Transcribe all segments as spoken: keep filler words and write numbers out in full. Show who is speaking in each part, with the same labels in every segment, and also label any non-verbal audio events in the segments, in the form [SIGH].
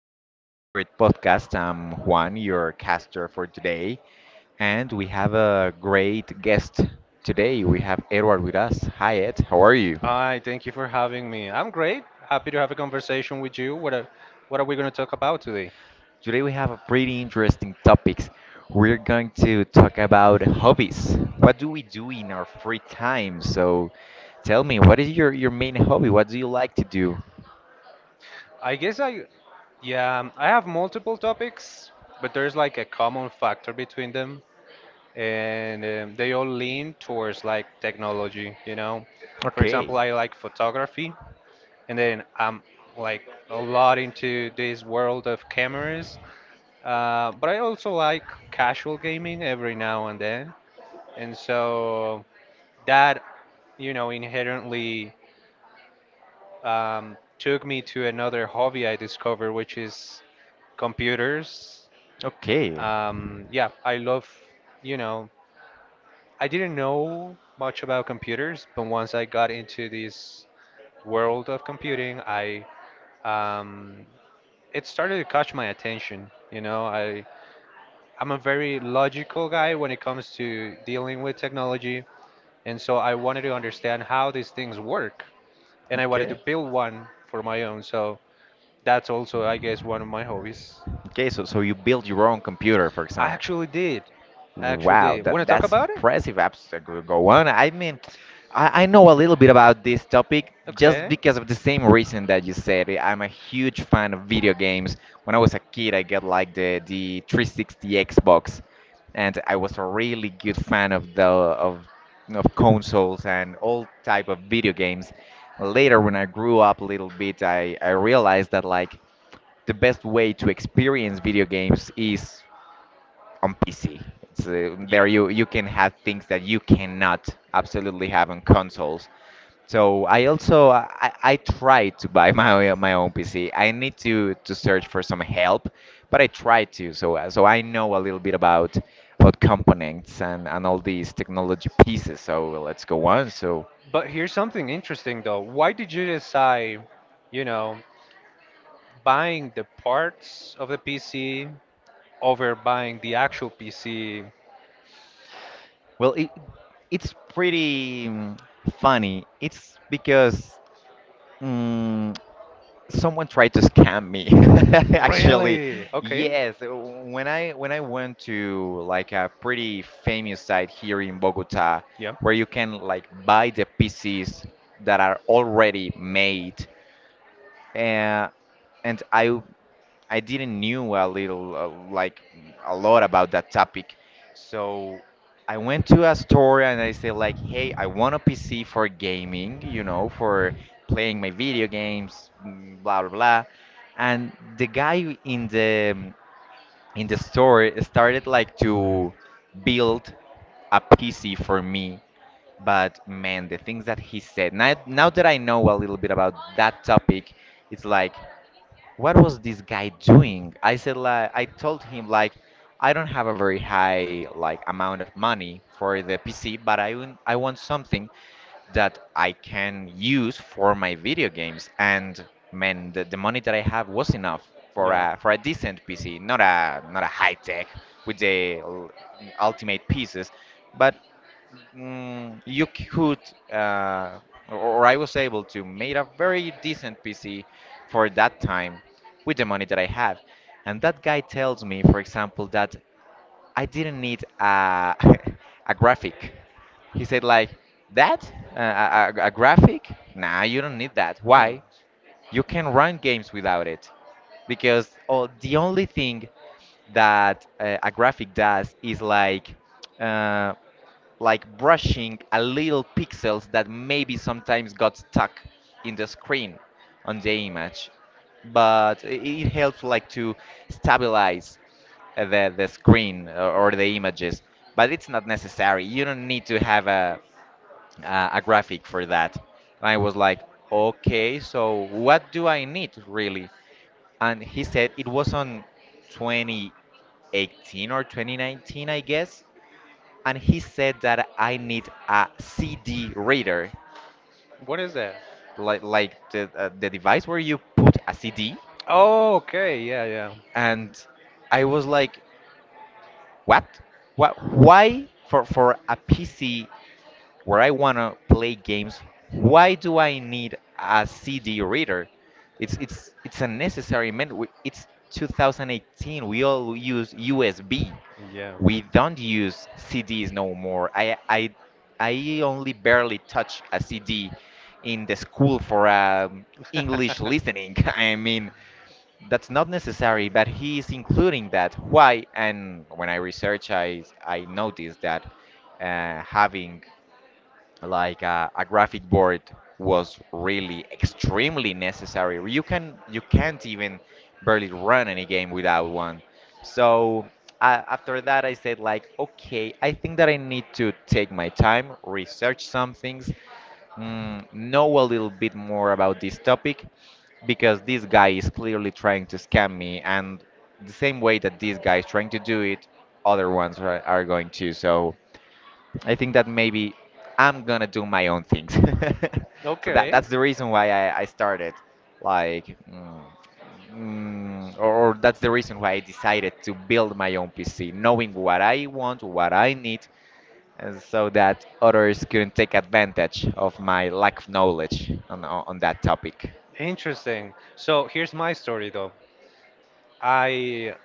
Speaker 1: to your favorite podcast. I'm Juan, your caster for today. And we have a great guest today. We have Edward with us. Hi, Ed. How are you?
Speaker 2: Hi, thank you for having me. I'm great. Happy to have a conversation with you. What are, what are we going to talk about today?
Speaker 1: Today we have a pretty interesting topics. We're going to talk about hobbies. What do we do in our free time? So tell me, what is your, your main hobby? What do you like to do?
Speaker 2: I guess I, yeah, I have multiple topics, but there's like a common factor between them, and um, they all lean towards like technology, you know. For example,
Speaker 1: Okay.
Speaker 2: I like photography, and then I'm like a lot into this world of cameras, uh, but I also like casual gaming every now and then, and so that you know, inherently um, took me to another hobby I discovered, which is computers.
Speaker 1: Okay.
Speaker 2: Um, yeah, I love, you know, I didn't know much about computers, but once I got into this world of computing, I um, it started to catch my attention. You know, I I'm a very logical guy when it comes to dealing with technology, and so I wanted to understand how these things work, and I wanted to
Speaker 1: Okay.
Speaker 2: build one for my own. So that's also, I guess, one of my hobbies.
Speaker 1: Okay, so so you build your own computer, for
Speaker 2: I
Speaker 1: example.
Speaker 2: actually did. I actually
Speaker 1: Wow,
Speaker 2: did. Want to
Speaker 1: that
Speaker 2: talk
Speaker 1: that's
Speaker 2: about it?
Speaker 1: impressive. Apps that could go on. I mean, I, I know a little bit about this topic just
Speaker 2: Okay.
Speaker 1: because of the same reason that you said. I'm a huge fan of video games. When I was a kid, I got like the the three six zero Xbox, and I was a really good fan of the of of consoles and all type of video games. Later, when I grew up a little bit, I I realized that, like, the best way to experience video games is on P C. So
Speaker 2: Yeah.
Speaker 1: there you you can have things that you cannot absolutely have on consoles. So I also I, I tried to buy [LAUGHS] my own- my own P C. I need to to search for some help, but I tried to. So uh, so I know a little bit about about components and and all these technology pieces. So let's go on. So
Speaker 2: But here's something interesting, though. Why did you decide, you know, buying the parts of the P C over buying the actual P C?
Speaker 1: well, it, it's pretty mm, funny. It's because mm, someone tried to scam me [LAUGHS] actually,
Speaker 2: Really? Okay.
Speaker 1: yes. When i when i went to like a pretty famous site here in Bogota,
Speaker 2: Yeah.
Speaker 1: where you can, like, buy the pieces that are already made, uh, and I I didn't knew a little uh, like a lot about that topic. So I went to a store and I said like, "Hey, I want a P C for gaming, you know, for playing my video games, mm, blah blah blah." And the guy in the in the store started like to build a P C for me. But man, the things that he said. Now, now that I know a little bit about that topic, it's like, what was this guy doing? I said like I told him like, I don't have a very high like amount of money for the P C, but I want- I want something that I can use for my video games. And man, the, the money that I have was enough for
Speaker 2: Yeah.
Speaker 1: a for a decent P C, not a not a high tech with the l- ultimate pieces, but mm, you could, uh, or I was able to make a very decent P C for that time with the money that I have. And that guy tells me, for example, that I didn't need a, [LAUGHS] a graphic. He said, like, that? Uh, a, a a graphic? Nah, you don't need that.
Speaker 2: Hmm.
Speaker 1: Why? You can run games without it because, oh, the only thing that uh, a graphic does is like uh, like brushing a little pixels that maybe sometimes got stuck in the screen, on the image, but i- it helps like to stabilize uh, the the screen or, or the images, but it's not necessary. You don't need to have a uh, a graphic for that. And I was like, okay, so what do I need really? And he said it was on twenty eighteen or twenty nineteen, I guess. And he said that I need a C D reader,
Speaker 2: What is that?
Speaker 1: like like the uh, the device where you put a C D.
Speaker 2: Oh, okay. Yeah, yeah.
Speaker 1: And I was like, what? What? Why for for a P C, where I want to play games, why do I need a C D reader? It's it's it's unnecessary, man. We- It's two thousand eighteen. We all use U S B.
Speaker 2: Yeah.
Speaker 1: We don't use C Ds no more. I I I only barely touch a C D in the school for um, English
Speaker 2: [LAUGHS] Mm.
Speaker 1: listening. [LAUGHS] I mean,
Speaker 2: Nobody
Speaker 1: that's not necessary, but he is including that. Why? And when I research, I I noticed that uh, having like a, a graphic board was really extremely necessary. You can you can't even barely run any game without one. So I, after that, I said like, okay, I think that I need to take my time, research some things, mm, know a little bit more about this topic, because this guy is clearly trying to scam me, and the same way that this guy is trying to do it, other ones are, are going to. So I think that maybe I'm gonna do my own things. [LAUGHS] So that
Speaker 2: okay.
Speaker 1: that's the reason why I, I started, like, mm, mm, or, or that's the reason why I decided to build my own P C, knowing what I want, what I need, and so that others couldn't take advantage of my lack of knowledge on on, on that topic.
Speaker 2: Interesting. So here's my story though. I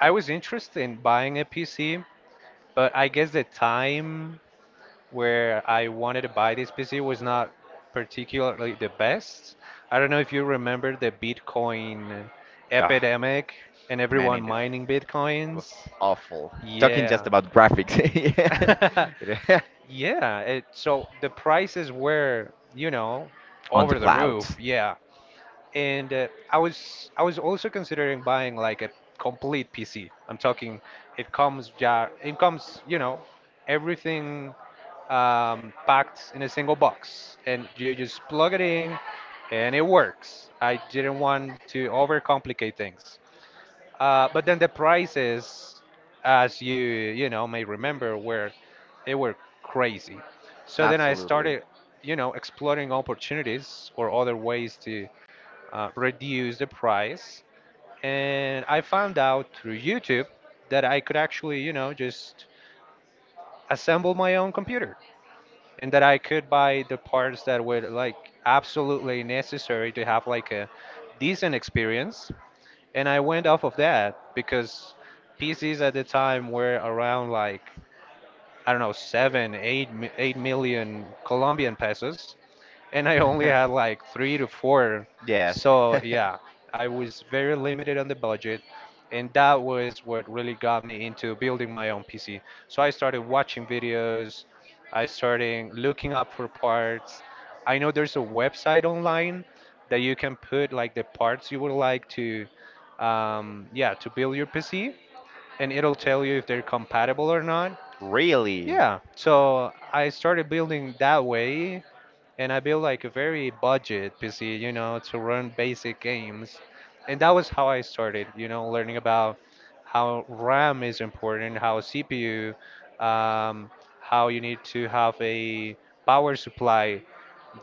Speaker 2: I was interested in buying a P C, but I guess the time where I wanted to buy this P C was not particularly the best. I don't know if you remember the Bitcoin
Speaker 1: Ah,
Speaker 2: epidemic and
Speaker 1: man,
Speaker 2: everyone
Speaker 1: it, it
Speaker 2: mining Bitcoins.
Speaker 1: was awful. Talking just
Speaker 2: Yeah.
Speaker 1: about
Speaker 2: [LAUGHS]
Speaker 1: graphics [LAUGHS]
Speaker 2: Yeah, it, so the prices were, you know,
Speaker 1: on the
Speaker 2: over the
Speaker 1: cloud.
Speaker 2: roof. Yeah, and uh, I was I was also considering buying like a complete P C. I'm talking, it comes ja, it comes, you know, everything um, packed in a single box, and you just plug it in, and it works. I didn't want to overcomplicate things, uh, but then the prices, as you you know may remember, were they were crazy. So then I
Speaker 1: Absolutely.
Speaker 2: started, you know, exploring opportunities or other ways to uh, reduce the price. And I found out through YouTube that I could actually, you know, just assemble my own computer and that I could buy the parts that were like absolutely necessary to have like a decent experience. And I went off of that because P Cs at the time were around like I don't know seven, eight, mi- eight million Colombian pesos, and I only had like three to four.
Speaker 1: [LAUGHS] Yes.
Speaker 2: So
Speaker 1: [LAUGHS]
Speaker 2: yeah, I was very limited on the budget, and that was what really got me into building my own P C. So I started watching videos, I started looking up for parts. I know there's a website online that you can put like the parts you would like to, um, yeah, to build your P C, and it'll tell you if they're compatible or not.
Speaker 1: Really?
Speaker 2: Yeah, so I started building that way, and I built like a very budget P C, you know, to run basic games. And that was how I started, you know, learning about how RAM is important, how C P U, um, how you need to have a power supply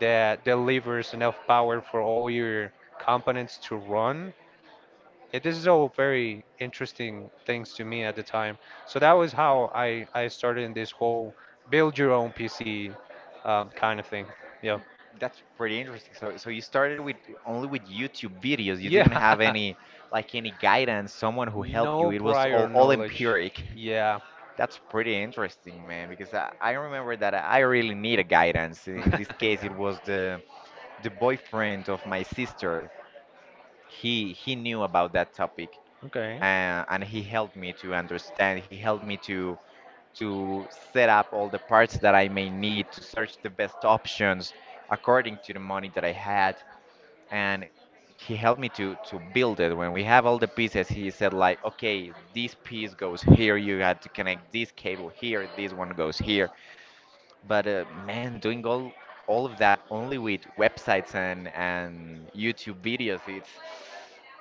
Speaker 2: that delivers enough power for all your components to run. It, this is all very interesting things to me at the time. So that was how I, I started in this whole build your own P C um, kind of thing. Yeah.
Speaker 1: That's pretty interesting. So, so you started with only with YouTube videos. You
Speaker 2: Yeah,
Speaker 1: didn't have any like any guidance, someone
Speaker 2: [LAUGHS]
Speaker 1: who helped you.
Speaker 2: no
Speaker 1: It was
Speaker 2: prior
Speaker 1: all all
Speaker 2: knowledge.
Speaker 1: empiric.
Speaker 2: Yeah,
Speaker 1: [LAUGHS] That's pretty interesting, man, because I, I remember that I really need a guidance. In in this
Speaker 2: [LAUGHS]
Speaker 1: case, it
Speaker 2: yeah.
Speaker 1: was the the boyfriend of my sister. He he knew about that topic,
Speaker 2: Okay.
Speaker 1: uh, and he helped me to understand. He helped me to to set up all the parts that I may need to search the best options according to the money that I had, and he helped me to to build it. When we have all the pieces, he said like, okay, this piece goes here, you had to connect this cable here, this one goes here. But uh, man, doing all all of that only with websites and and YouTube videos, it's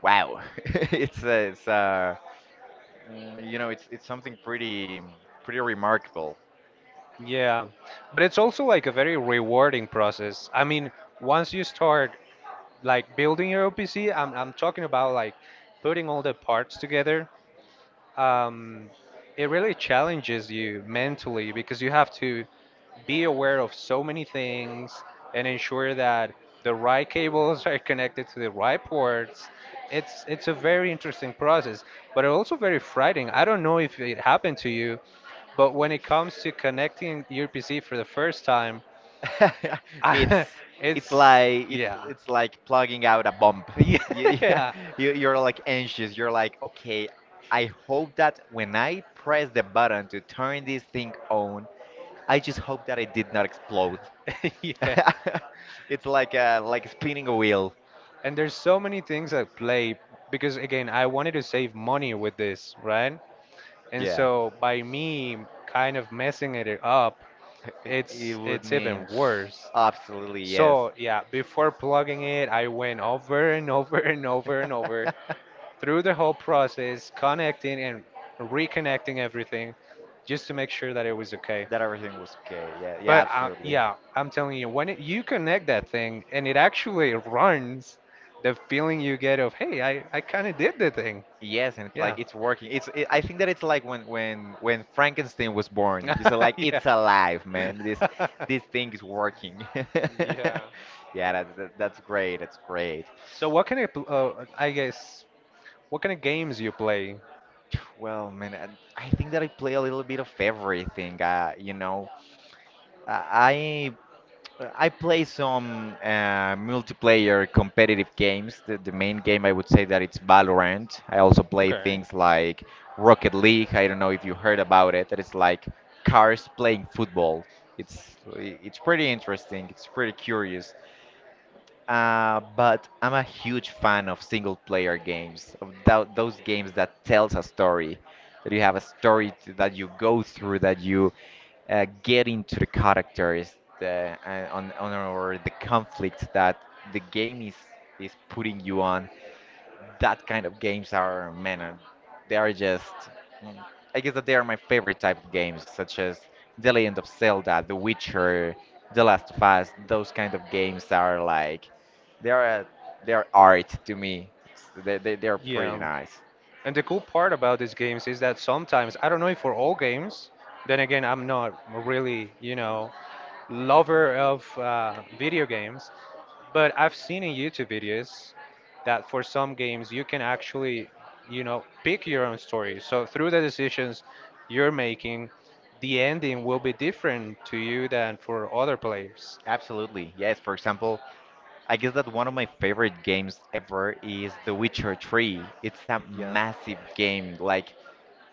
Speaker 1: wow. [LAUGHS] It's uh, it's uh, mm, you know, it's it's something pretty pretty remarkable.
Speaker 2: Yeah, but it's also like a very rewarding process. I mean, once you start like building your O P C, I'm I'm talking about like putting all the parts together. Um, it really challenges you mentally because you have to be aware of so many things and ensure that the right cables [LAUGHS] are connected to the right ports. It's it's a very interesting process, but also very frightening. I don't know if it happened to you, but when it comes to connecting your P C for the first time, [LAUGHS]
Speaker 1: [LAUGHS]
Speaker 2: I,
Speaker 1: It's it's
Speaker 2: it's
Speaker 1: like it's
Speaker 2: yeah.
Speaker 1: it's like
Speaker 2: [LAUGHS]
Speaker 1: plugging out a bomb. You,
Speaker 2: Yeah.
Speaker 1: [LAUGHS] you you're like anxious. You're like, okay, I hope that when I press the button to turn this thing on, I just hope that it did not explode.
Speaker 2: [LAUGHS] Yeah.
Speaker 1: [LAUGHS] It's like a like spinning a wheel.
Speaker 2: And there's so many things at play because again, I wanted to save money with this, right? And
Speaker 1: Yeah.
Speaker 2: so by
Speaker 1: [LAUGHS]
Speaker 2: me kind of messing it up,
Speaker 1: It it
Speaker 2: it's
Speaker 1: would
Speaker 2: it's even
Speaker 1: mean
Speaker 2: worse.
Speaker 1: absolutely, yes.
Speaker 2: So yeah, before plugging it, I went over
Speaker 1: [LAUGHS]
Speaker 2: and over and over and over
Speaker 1: That
Speaker 2: through the whole process, connecting and reconnecting everything just to make sure that it was okay.
Speaker 1: everything was okay. Yeah, yeah,
Speaker 2: But uh,
Speaker 1: absolutely.
Speaker 2: yeah, I'm telling you, when it, you connect that thing and it actually runs, the feeling you get of, hey, I, I kind of did the thing.
Speaker 1: Yes, and
Speaker 2: Yeah.
Speaker 1: like it's working. It's it, I think that it's like when when when Frankenstein was born. You said like,
Speaker 2: [LAUGHS] Yeah.
Speaker 1: it's alive, man. This this
Speaker 2: [LAUGHS]
Speaker 1: thing is working. [LAUGHS]
Speaker 2: Yeah.
Speaker 1: Yeah, that, that, that's great. That's great.
Speaker 2: So what kind of pl- uh, I guess what kind of games you play?
Speaker 1: Well, man, I I think that I play a little bit of everything. Uh, you know, I I Uh, I play some uh, multiplayer competitive games. The, the main game I would say that it's Valorant. I also play
Speaker 2: Okay.
Speaker 1: things like Rocket League. I don't know if you heard about it. That it's like cars playing football. It's i- it's pretty interesting. It's pretty curious. Uh, but I'm a huge fan of single player games, of tho- those games that tells a story, that you have a story to, that you go through, that you uh, get into the characters uh, and on, on or the conflict that the game is is putting you on. That kind of games are, man, uh, they are just mm, I guess that they are my favorite type of games, such as The Legend of Zelda, The Witcher, The Last of Us. Those kind of games are like, they are, uh, they are art to me. It's- They, they, they are pretty
Speaker 2: Yeah.
Speaker 1: nice.
Speaker 2: And the cool part about these games is that sometimes, I don't know if for all games, then again, I'm not really, you know, lover of uh, video games, but I've seen in YouTube videos that for some games you can actually, you know, pick your own story. So through the decisions you're making, the ending will be different to you than for other players.
Speaker 1: Absolutely, yes. For example, I guess that one of my favorite games ever is The Witcher three. It's a
Speaker 2: Yeah.
Speaker 1: massive game, like,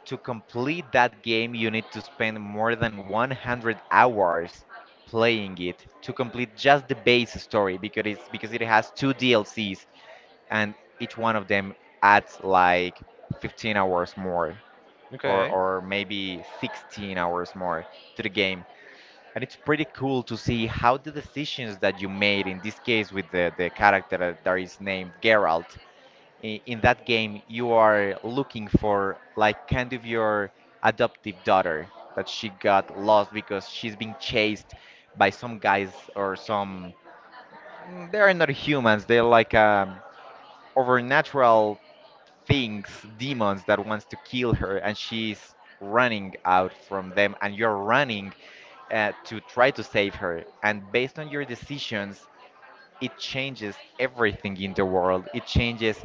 Speaker 1: to complete that game, you need to spend more than one hundred hours playing it to complete just the base story, because it's because it has two D L Cs, and each one of them adds like fifteen hours more, or
Speaker 2: Okay.
Speaker 1: or maybe sixteen hours more to the game. And it's pretty cool to see how the decisions that you made in this case, with the, the character that is named Geralt. I- in that game you are looking for like kind of your adoptive daughter, that she got lost because she's being chased by some guys or some mm, they are not humans, they're like um, overnatural things, demons that wants to kill her, and she's running out from them, and you're running uh, to try to save her, and based on your decisions it changes everything in the world. It changes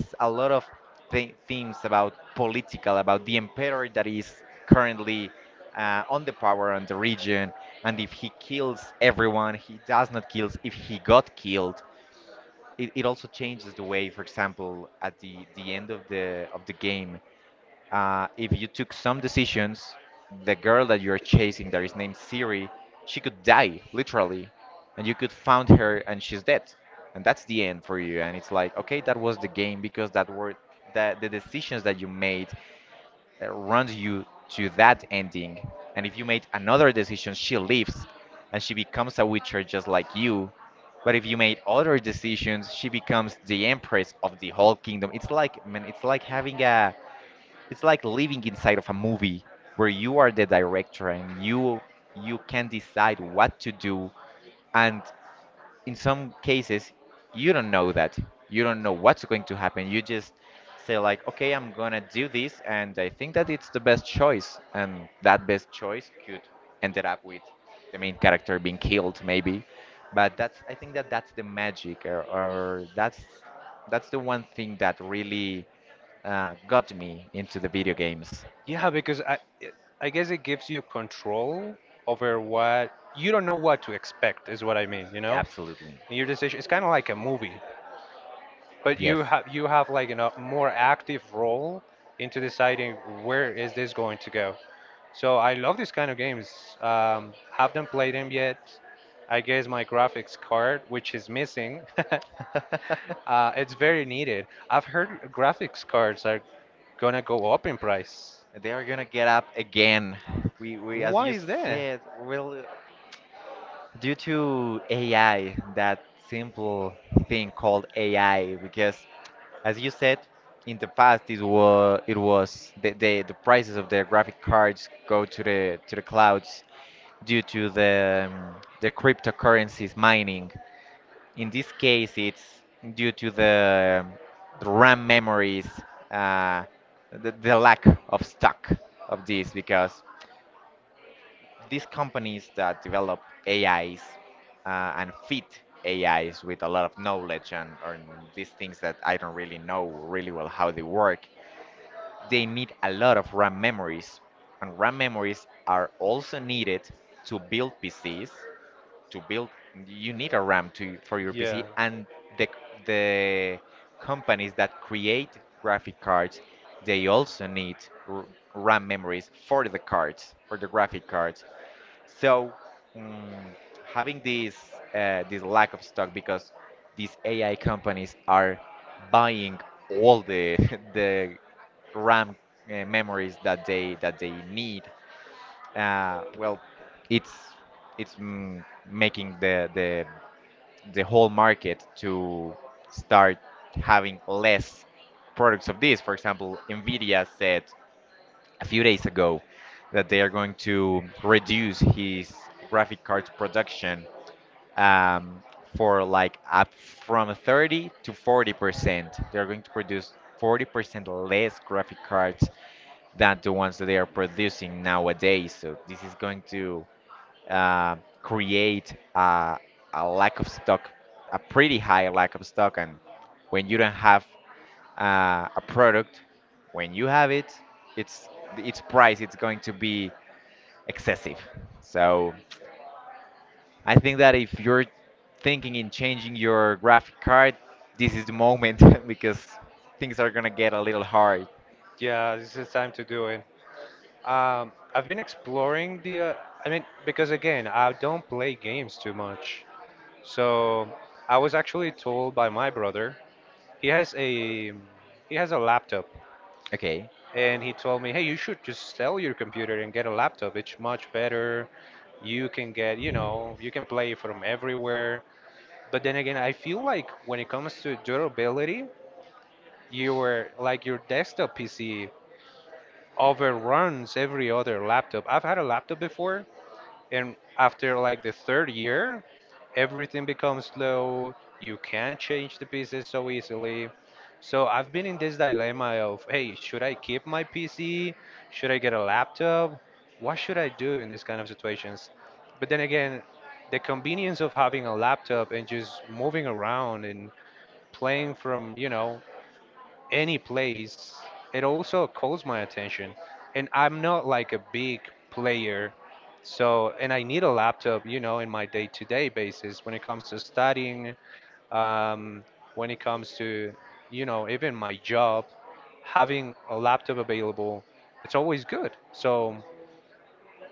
Speaker 1: s- a lot of th- themes about political, about the emperor that is currently uh, on the power on the region, and if he kills everyone, he does not kill. If he got killed, it, it also changes the way, for example, at the, the end of the of the game, uh, if you took some decisions, the girl that you're chasing, that is named Siri, she could die, literally, and you could find her and she's dead. And that's the end for you. And it's like, okay, that was the game because that were that the decisions that you made uh, runs you to that ending. And if you made another decision, she lives and she becomes a witcher just like you. But if you made other decisions, she becomes the empress of the whole kingdom. It's like man, it's like having a it's like living inside of a movie where you are the director and you you can decide what to do and in some cases you don't know that you don't know what's going to happen. You just say like, okay, I'm gonna do this and I think that it's the best choice, and that best choice could ended up with the main character being killed maybe. But that's, I think that that's the magic, or, or that's that's the one thing that really uh, got me into the video games.
Speaker 2: Yeah, because I I guess it gives you control over what you don't know what to expect is what I mean, you know?
Speaker 1: Absolutely.
Speaker 2: Your decision it's kind of like a movie, but
Speaker 1: Yes.
Speaker 2: you have you have like a more active role into deciding where is this going to go. So I love these kind of games. Um, haven't played them yet. I guess my graphics card, which is missing, [LAUGHS]
Speaker 1: [LAUGHS]
Speaker 2: uh, it's very needed. I've heard graphics cards are gonna go up in price.
Speaker 1: They are gonna get up again. We we as
Speaker 2: Why
Speaker 1: you
Speaker 2: is that?
Speaker 1: said, we'll, due to A I, that simple thing called A I, because as you said, in the past it was it was the, the the prices of the graphic cards go to the to the clouds due to the um, the cryptocurrencies mining. In this case, it's due to the, the RAM memories, uh, the, the lack of stock of these, because these companies that develop A Is uh, and fit A Is with a lot of knowledge and, and these things that I don't really know really well how they work, they need a lot of RAM memories. And RAM memories are also needed to build P Cs. To build, you need a RAM to, for your P C,
Speaker 2: Yeah.
Speaker 1: and the, the companies that create graphic cards, they also need r- RAM memories for the cards, for the graphic cards. So mm, having this uh, this lack of stock because these A I companies are buying all the [LAUGHS] the RAM uh, memories that they that they need. Uh, well, it's it's mm, making the the the whole market to start having less products of this. For example, Nvidia said a few days ago that they are going to reduce his graphic card production um, for like up from thirty to forty percent. They're going to produce forty percent less graphic cards than the ones that they are producing nowadays. So this is going to uh, create a, a lack of stock, a pretty high lack of stock. And when you don't have uh, a product, when you have it, it's its price it's going to be excessive. So I think that if you're thinking in changing your graphic card, this is the moment [LAUGHS] because things are gonna get a little hard.
Speaker 2: Yeah, this is time to do it. Um, I've been exploring the. Uh, I mean, because again, I don't play games too much. So I was actually told by my brother. He has a he has a laptop,
Speaker 1: Okay.
Speaker 2: and he told me, "Hey, you should just sell your computer and get a laptop. It's much better. You can get, you know, you can play from everywhere." But then again, I feel like when it comes to durability, your like your desktop P C overruns every other laptop. I've had a laptop before, and after like the third year everything becomes slow, you can't change the pieces so easily, so I've been in this dilemma of, hey, should I keep my PC, should I get a laptop, what should I do in these kind of situations? But then again, the convenience of having a laptop and just moving around and playing from you know any place, it also calls my attention. And I'm not like a big player. So, and I need a laptop, you know, in my day-to-day basis when it comes to studying, um, when it comes to, you know, even my job, having a laptop available, it's always good. So,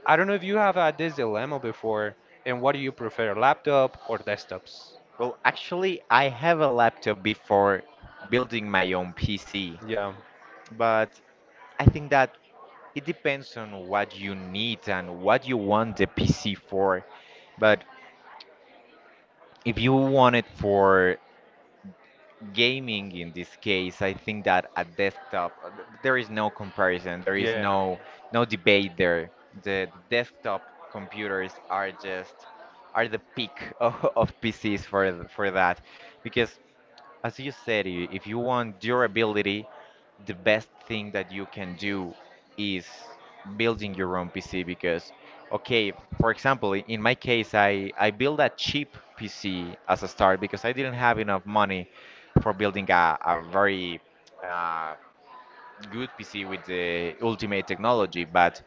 Speaker 2: I don't know if you have had this dilemma before, and what do you prefer, laptop or desktops?
Speaker 1: Well, actually, I have a laptop before building my own P C,
Speaker 2: Yeah.
Speaker 1: but I think that it depends on what you need and what you want the P C for. But if you want it for gaming in this case, I think that a desktop, uh, th- there is no comparison, there is
Speaker 2: Yeah,
Speaker 1: no no debate there. The desktop computers are just are the peak of, [LAUGHS] of P Cs for th- for that, because as you said, i- if you want durability, the best thing that you can do is building your own P C because, okay, for example, i- in my case, I, I built a cheap P C as a start because I didn't have enough money for building a, a very uh, good P C with the ultimate technology. But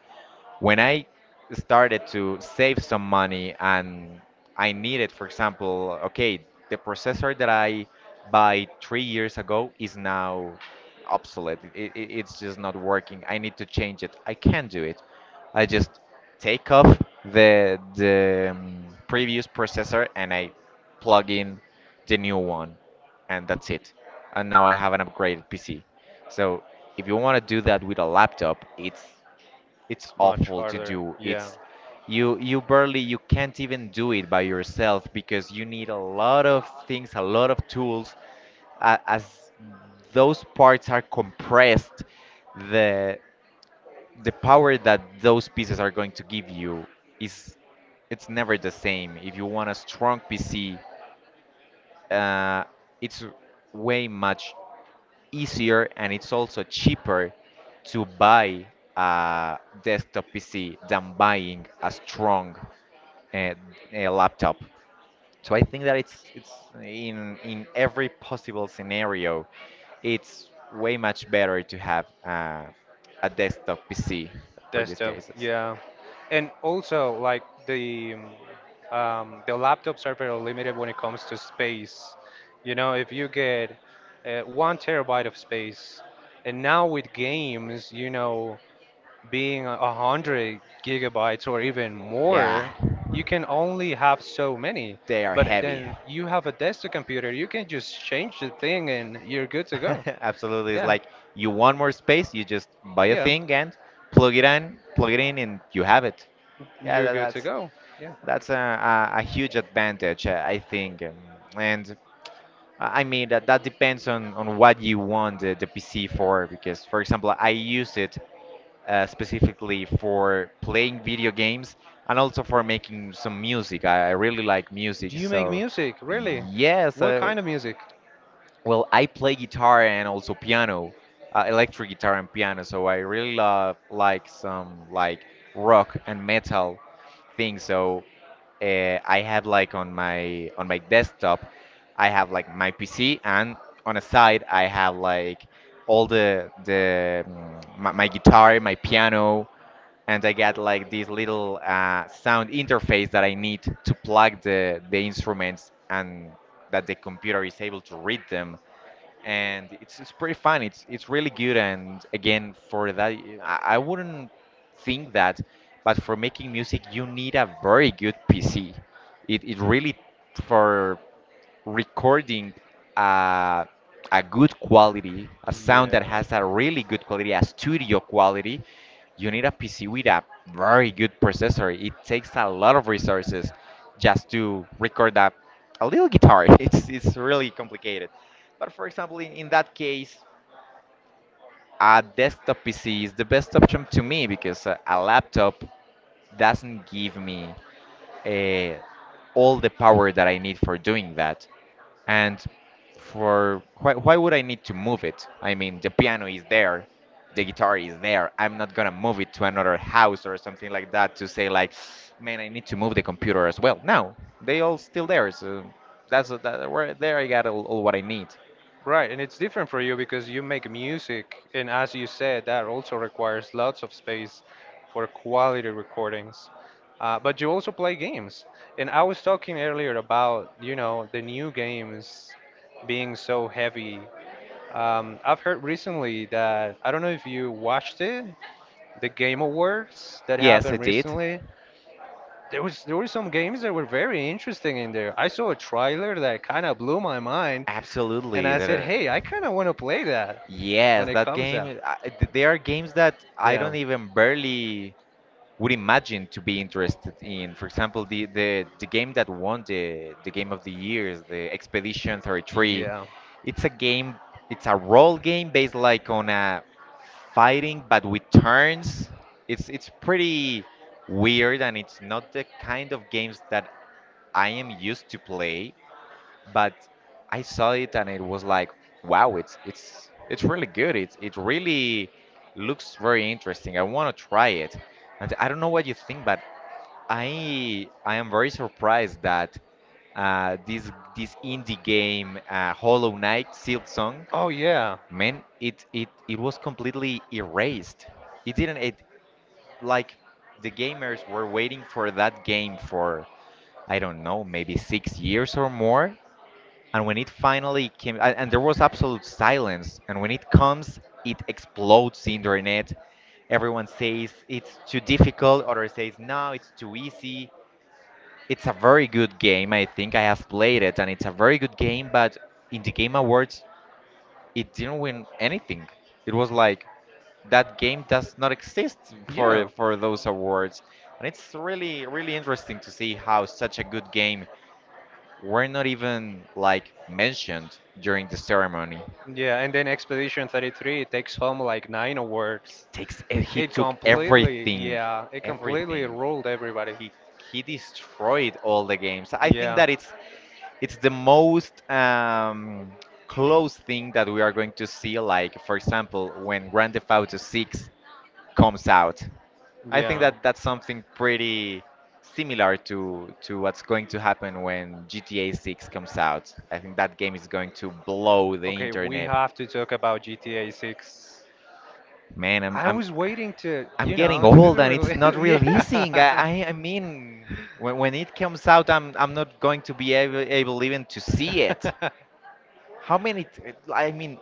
Speaker 1: when I started to save some money and I needed, for example, okay, the processor that I buy three years ago is now obsolete. It, it, it's just not working. I need to change it. I can do it. I just take off the the um, previous processor and I plug in the new one, and that's it. And now I have an upgraded P C. So if you want to do that with a laptop, it's it's
Speaker 2: it's much
Speaker 1: awful to
Speaker 2: harder.
Speaker 1: do.
Speaker 2: Yeah,
Speaker 1: It's you you barely You can't even do it by yourself because you need a lot of things, a lot of tools. A As those parts are compressed, the the power that those pieces are going to give you is it's never the same. If you want a strong P C, uh, it's way much easier and it's also cheaper to buy a desktop P C than buying a strong uh, a laptop. So I think that it's it's in in every possible scenario, it's way much better to have uh, a desktop P C for these
Speaker 2: desktop.
Speaker 1: cases.
Speaker 2: Yeah, and also like the um, um, the laptops are very limited when it comes to space. You know, if you get uh, one terabyte of space, and now with games, you know, being a a hundred gigabytes or even
Speaker 1: Yeah,
Speaker 2: more, you can only have so many.
Speaker 1: they are
Speaker 2: But
Speaker 1: heavy.
Speaker 2: then you have a desktop computer, you can just change the thing and you're good to go.
Speaker 1: [LAUGHS] Absolutely, it's
Speaker 2: Yeah,
Speaker 1: like you want more space, you just buy a
Speaker 2: yeah,
Speaker 1: thing and plug it in, plug it in, and you have it. Yeah,
Speaker 2: you're
Speaker 1: that,
Speaker 2: good to
Speaker 1: that's
Speaker 2: go. Yeah.
Speaker 1: That's a, a, a huge advantage, uh, I think. Um, And uh, I mean that that depends on, on what you want the, the P C for. Because, for example, I use it uh, specifically for playing video games and also for making some music. I, I really like
Speaker 2: Do
Speaker 1: music,
Speaker 2: you make
Speaker 1: so
Speaker 2: music? Really?
Speaker 1: yes,
Speaker 2: What
Speaker 1: uh,
Speaker 2: kind of music?
Speaker 1: well, I play guitar and also piano, uh, electric guitar and piano, so I really love like some like rock and metal things. So uh, I have like on my on my desktop, I have like my P C, and on a side I have like all the the mm, my, my guitar, my piano, and I get like this little uh, sound interface that I need to plug the the instruments and that the computer is able to read them, and it's it's pretty fun. It's it's really good, and again for that, y- I, I wouldn't think that, but for making music, you need a very good P C. It it really for recording uh, a good quality, a sound that
Speaker 2: Yeah.
Speaker 1: has a really good quality, a studio quality, you need a P C with a very good processor. It takes a lot of resources just to record a, a little guitar. [LAUGHS] It's, it's really complicated. But for example, in, in that case, a desktop P C is the best option to me because a, a laptop doesn't give me uh, all the power that I need for doing that. And for why, why would I need to move it? I mean, the piano is there, the guitar is there. I'm not gonna move it to another house or something like that to say like, man, I need to move the computer as well. No, they all still there. So that's that. Where there, I got all, all what I need.
Speaker 2: Right, and it's different for you because you make music, and as you said, that also requires lots of space for quality recordings. Uh, but you also play games, and I was talking earlier about, you know, the new games being so heavy. Um, I've heard recently that I don't know if you watched it, the Game Awards that
Speaker 1: Yes, I
Speaker 2: happened
Speaker 1: did.
Speaker 2: recently. There was there were some games that were very interesting in there. I saw a trailer that kind of blew my mind, and
Speaker 1: Absolutely.
Speaker 2: I
Speaker 1: That,
Speaker 2: said,
Speaker 1: uh,
Speaker 2: "Hey, I kind of want to play that when
Speaker 1: yes,
Speaker 2: it
Speaker 1: that
Speaker 2: comes out."
Speaker 1: game. I, th- there are games that I don't
Speaker 2: Yeah,
Speaker 1: even barely would imagine to be interested in. For example, the the, the game that won the the game of the years, the Expedition thirty-three.
Speaker 2: yeah.
Speaker 1: It's a game. It's a role game based like on a fighting, but with turns. It's it's pretty weird, and it's not the kind of games that I am used to play, but I saw it and it was like, wow, it's it's it's really good. It's it really looks very interesting. I want to try it, and I don't know what you think, but I I am very surprised that uh, this this indie game, uh, Hollow Knight Silksong,
Speaker 2: Oh yeah,
Speaker 1: man, it it it was completely erased. It didn't it like the gamers were waiting for that game for I don't know maybe six years or more, and when it finally came, and, and there was absolute silence. And when it comes, it explodes the internet. Everyone says it's too difficult, others says no, it's too easy. It's a very good game. I think I have played it, and it's a very good game. But in the Game Awards, it didn't win anything. It was like that game does not exist for
Speaker 2: yeah.
Speaker 1: for those awards, and it's really really interesting to see how such a good game were not even like mentioned during the ceremony.
Speaker 2: Yeah, and then Expedition thirty-three takes home like nine awards.
Speaker 1: Takes eh, he
Speaker 2: It
Speaker 1: took
Speaker 2: completely,
Speaker 1: everything,
Speaker 2: yeah, it completely
Speaker 1: everything.
Speaker 2: ruled everybody.
Speaker 1: He he destroyed all the games. I think
Speaker 2: Yeah.
Speaker 1: that it's it's the most um, close thing that we are going to see. Like for example, when Grand Theft Auto six comes out. I think
Speaker 2: Yeah.
Speaker 1: that that's something pretty similar to to what's going to happen when G T A six comes out. I think that game is going to blow the
Speaker 2: Okay, we
Speaker 1: internet.
Speaker 2: have to talk about G T A six.
Speaker 1: Man, I'm
Speaker 2: I
Speaker 1: I'm
Speaker 2: was waiting to,
Speaker 1: I'm
Speaker 2: you
Speaker 1: getting
Speaker 2: know, to be the
Speaker 1: old and it's
Speaker 2: release.
Speaker 1: not
Speaker 2: [LAUGHS]
Speaker 1: releasing. I
Speaker 2: Yeah.
Speaker 1: I, I mean, when, when it comes out, I'm I'm not going to be able, able even to see it.
Speaker 2: [LAUGHS]
Speaker 1: How many? t- I mean,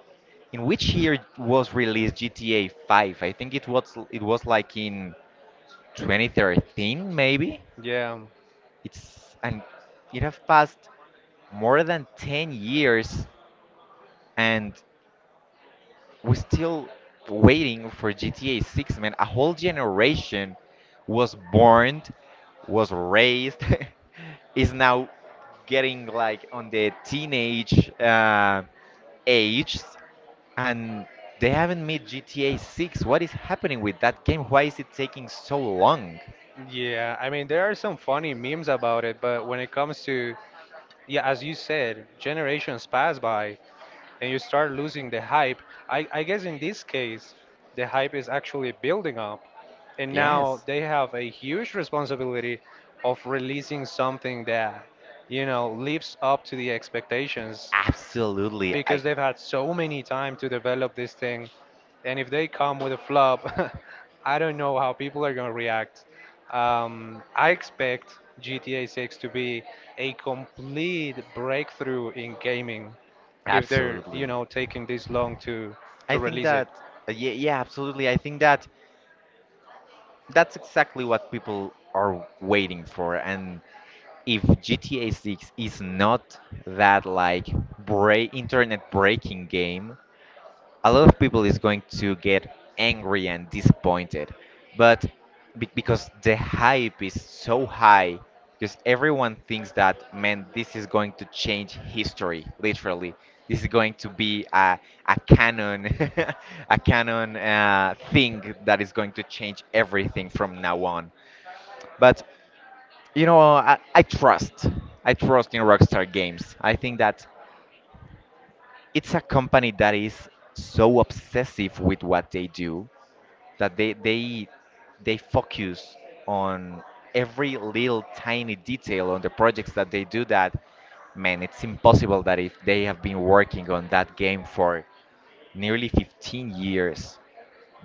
Speaker 1: in which year was released G T A five? I think it was it was like in twenty thirteen maybe.
Speaker 2: Yeah. Um,
Speaker 1: It's and it have passed more than ten years, and we're still waiting for G T A six, man. A whole generation was born, was raised, [LAUGHS] is now getting like on the teenage uh, age, and they haven't made G T A six. What is happening with that game? Why is it taking so long?
Speaker 2: yeah, I mean there are some funny memes about it, but when it comes to yeah, as you said, generations pass by, and you start losing the hype. I, I guess in this case, the hype is actually building up, and now
Speaker 1: Yes,
Speaker 2: they have a huge responsibility of releasing something that, you know, lives up to the expectations
Speaker 1: absolutely.
Speaker 2: because
Speaker 1: I
Speaker 2: they've had so many time to develop this thing. And if they come with a flop, [LAUGHS] I don't know how people are going to react. Um, I expect G T A six to be a complete breakthrough in gaming if they're, you
Speaker 1: absolutely.
Speaker 2: know, taking this long to
Speaker 1: I
Speaker 2: to
Speaker 1: think
Speaker 2: release it.
Speaker 1: that uh, yeah, yeah, absolutely. I think that that's exactly what people are waiting for. And if G T A six is not that, like, break internet breaking game, a lot of people is going to get angry and disappointed, but be- because the hype is so high, because everyone thinks that, man, this is going to change history literally. This is going to be a, a canon [LAUGHS] a canon uh, thing that is going to change everything from now on. But you know I, I trust, I trust in Rockstar Games. I think that it's a company that is so obsessive with what they do, that they they they focus on every little tiny detail on the projects that they do, that, man, it's impossible that if they have been working on that game for nearly fifteen years,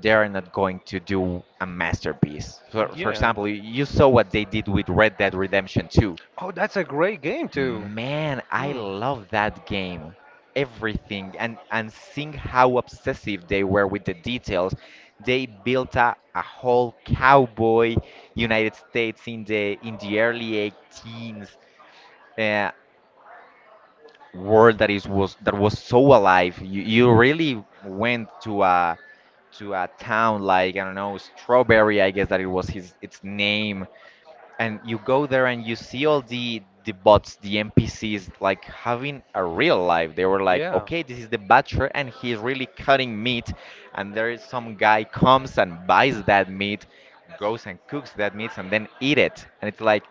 Speaker 1: they are not going to do a masterpiece. for, for
Speaker 2: Yeah.
Speaker 1: example, y- you saw what they did with Red Dead Redemption two.
Speaker 2: Oh, that's a great game too.
Speaker 1: Man, I
Speaker 2: Hmm.
Speaker 1: love that game. Everything, and and seeing how obsessive they were with the details. They built a, a whole cowboy United States in the in the early 18s uh, world that is was that was so alive. You you really went to a, to a town like, I don't know, Strawberry, I guess that it was his its name, and you go there and you see all the the bots, the NPCs, like having a real life. They were like,
Speaker 2: Yeah.
Speaker 1: okay, this is the butcher and he's really cutting meat, and there is some guy comes and buys that meat, goes and cooks that meat and then eat it. And it's like,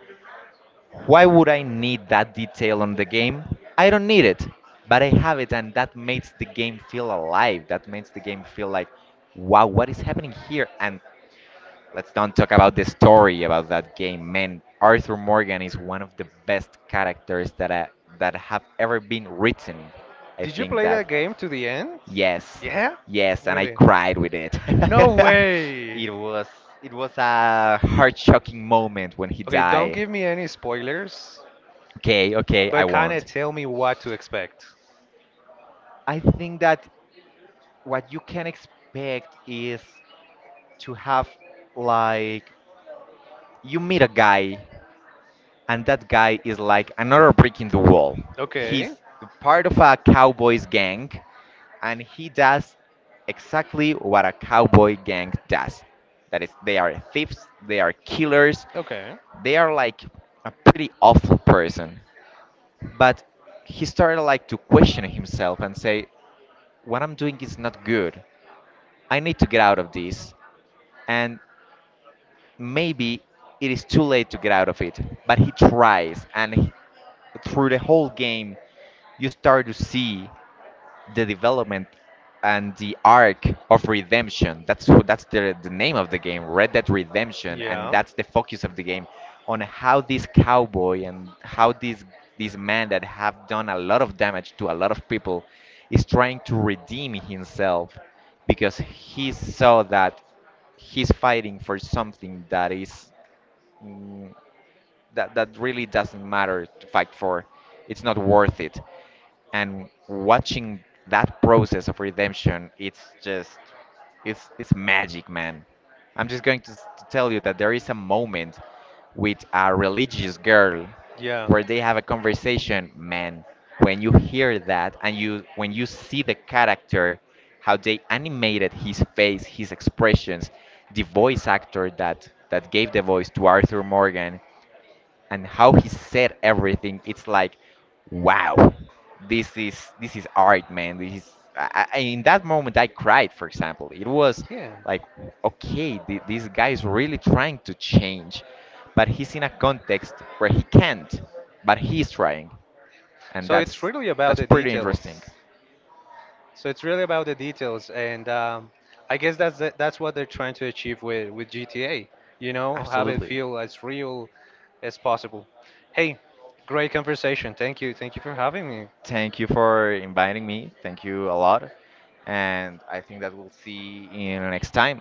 Speaker 1: why would I need that detail on the game? I don't need it, but I have it, and that makes the game feel alive. That makes the game feel like, wow, what is happening here? And let's don't talk about the story about that game. Man, Arthur Morgan is one of the best characters that I, that have ever been written. I
Speaker 2: Did you
Speaker 1: think
Speaker 2: play that
Speaker 1: that
Speaker 2: game to the end?
Speaker 1: yes,
Speaker 2: Yeah?
Speaker 1: yes, and I
Speaker 2: Really?
Speaker 1: cried with it.
Speaker 2: No
Speaker 1: [LAUGHS]
Speaker 2: way.
Speaker 1: It was, it was a heart shocking moment when he
Speaker 2: Okay, don't
Speaker 1: died.
Speaker 2: give me any spoilers,
Speaker 1: Okay, okay, I
Speaker 2: but kind of
Speaker 1: won't.
Speaker 2: tell me what to expect.
Speaker 1: I think that what you can expect is to have, like, you meet a guy, and that guy is like another brick in the wall.
Speaker 2: Okay.
Speaker 1: He's part of a cowboys gang, and he does exactly what a cowboy gang does. That is, they are thieves, they are killers,
Speaker 2: Okay.
Speaker 1: they are like a pretty awful person. But he started like to question himself and say, "What I'm doing is not good. I need to get out of this." And maybe it is too late to get out of it, but he tries and he- through the whole game you start to see the development and the arc of redemption. That's wh- that's the the name of the game, Red Dead Redemption, and
Speaker 2: Yeah.
Speaker 1: that's the focus of the game, on how this cowboy and how this, this man that have done a lot of damage to a lot of people is trying to redeem himself, because he saw that he's fighting for something that is, mm, that that really doesn't matter to fight for. It's not worth it. And watching that process of redemption, it's just, it's it's magic, man. I'm just going to, s- to tell you that there is a moment with a religious girl
Speaker 2: Yeah.
Speaker 1: where they have a conversation, man. When you hear that, and you, when you see the character, how they animated his face, his expressions, the voice actor that that gave the voice to Arthur Morgan, and how he said everything, it's like, wow, this is, this is art, man. This is, I, I, in that moment I cried, for example. It was
Speaker 2: Yeah.
Speaker 1: like, okay, th- this guy is really trying to change, but he's in a context where he can't, but he's trying, and
Speaker 2: So it's
Speaker 1: that's
Speaker 2: really about
Speaker 1: that's
Speaker 2: the
Speaker 1: pretty
Speaker 2: details.
Speaker 1: interesting.
Speaker 2: So it's really about the details, and um, I guess that's the, that's what they're trying to achieve with with G T A. You know, have it
Speaker 1: Absolutely.
Speaker 2: feel as real as possible. Hey, great conversation. Thank you. Thank you for having me.
Speaker 1: Thank you for inviting me, thank you a lot, and I think that we'll see you next time.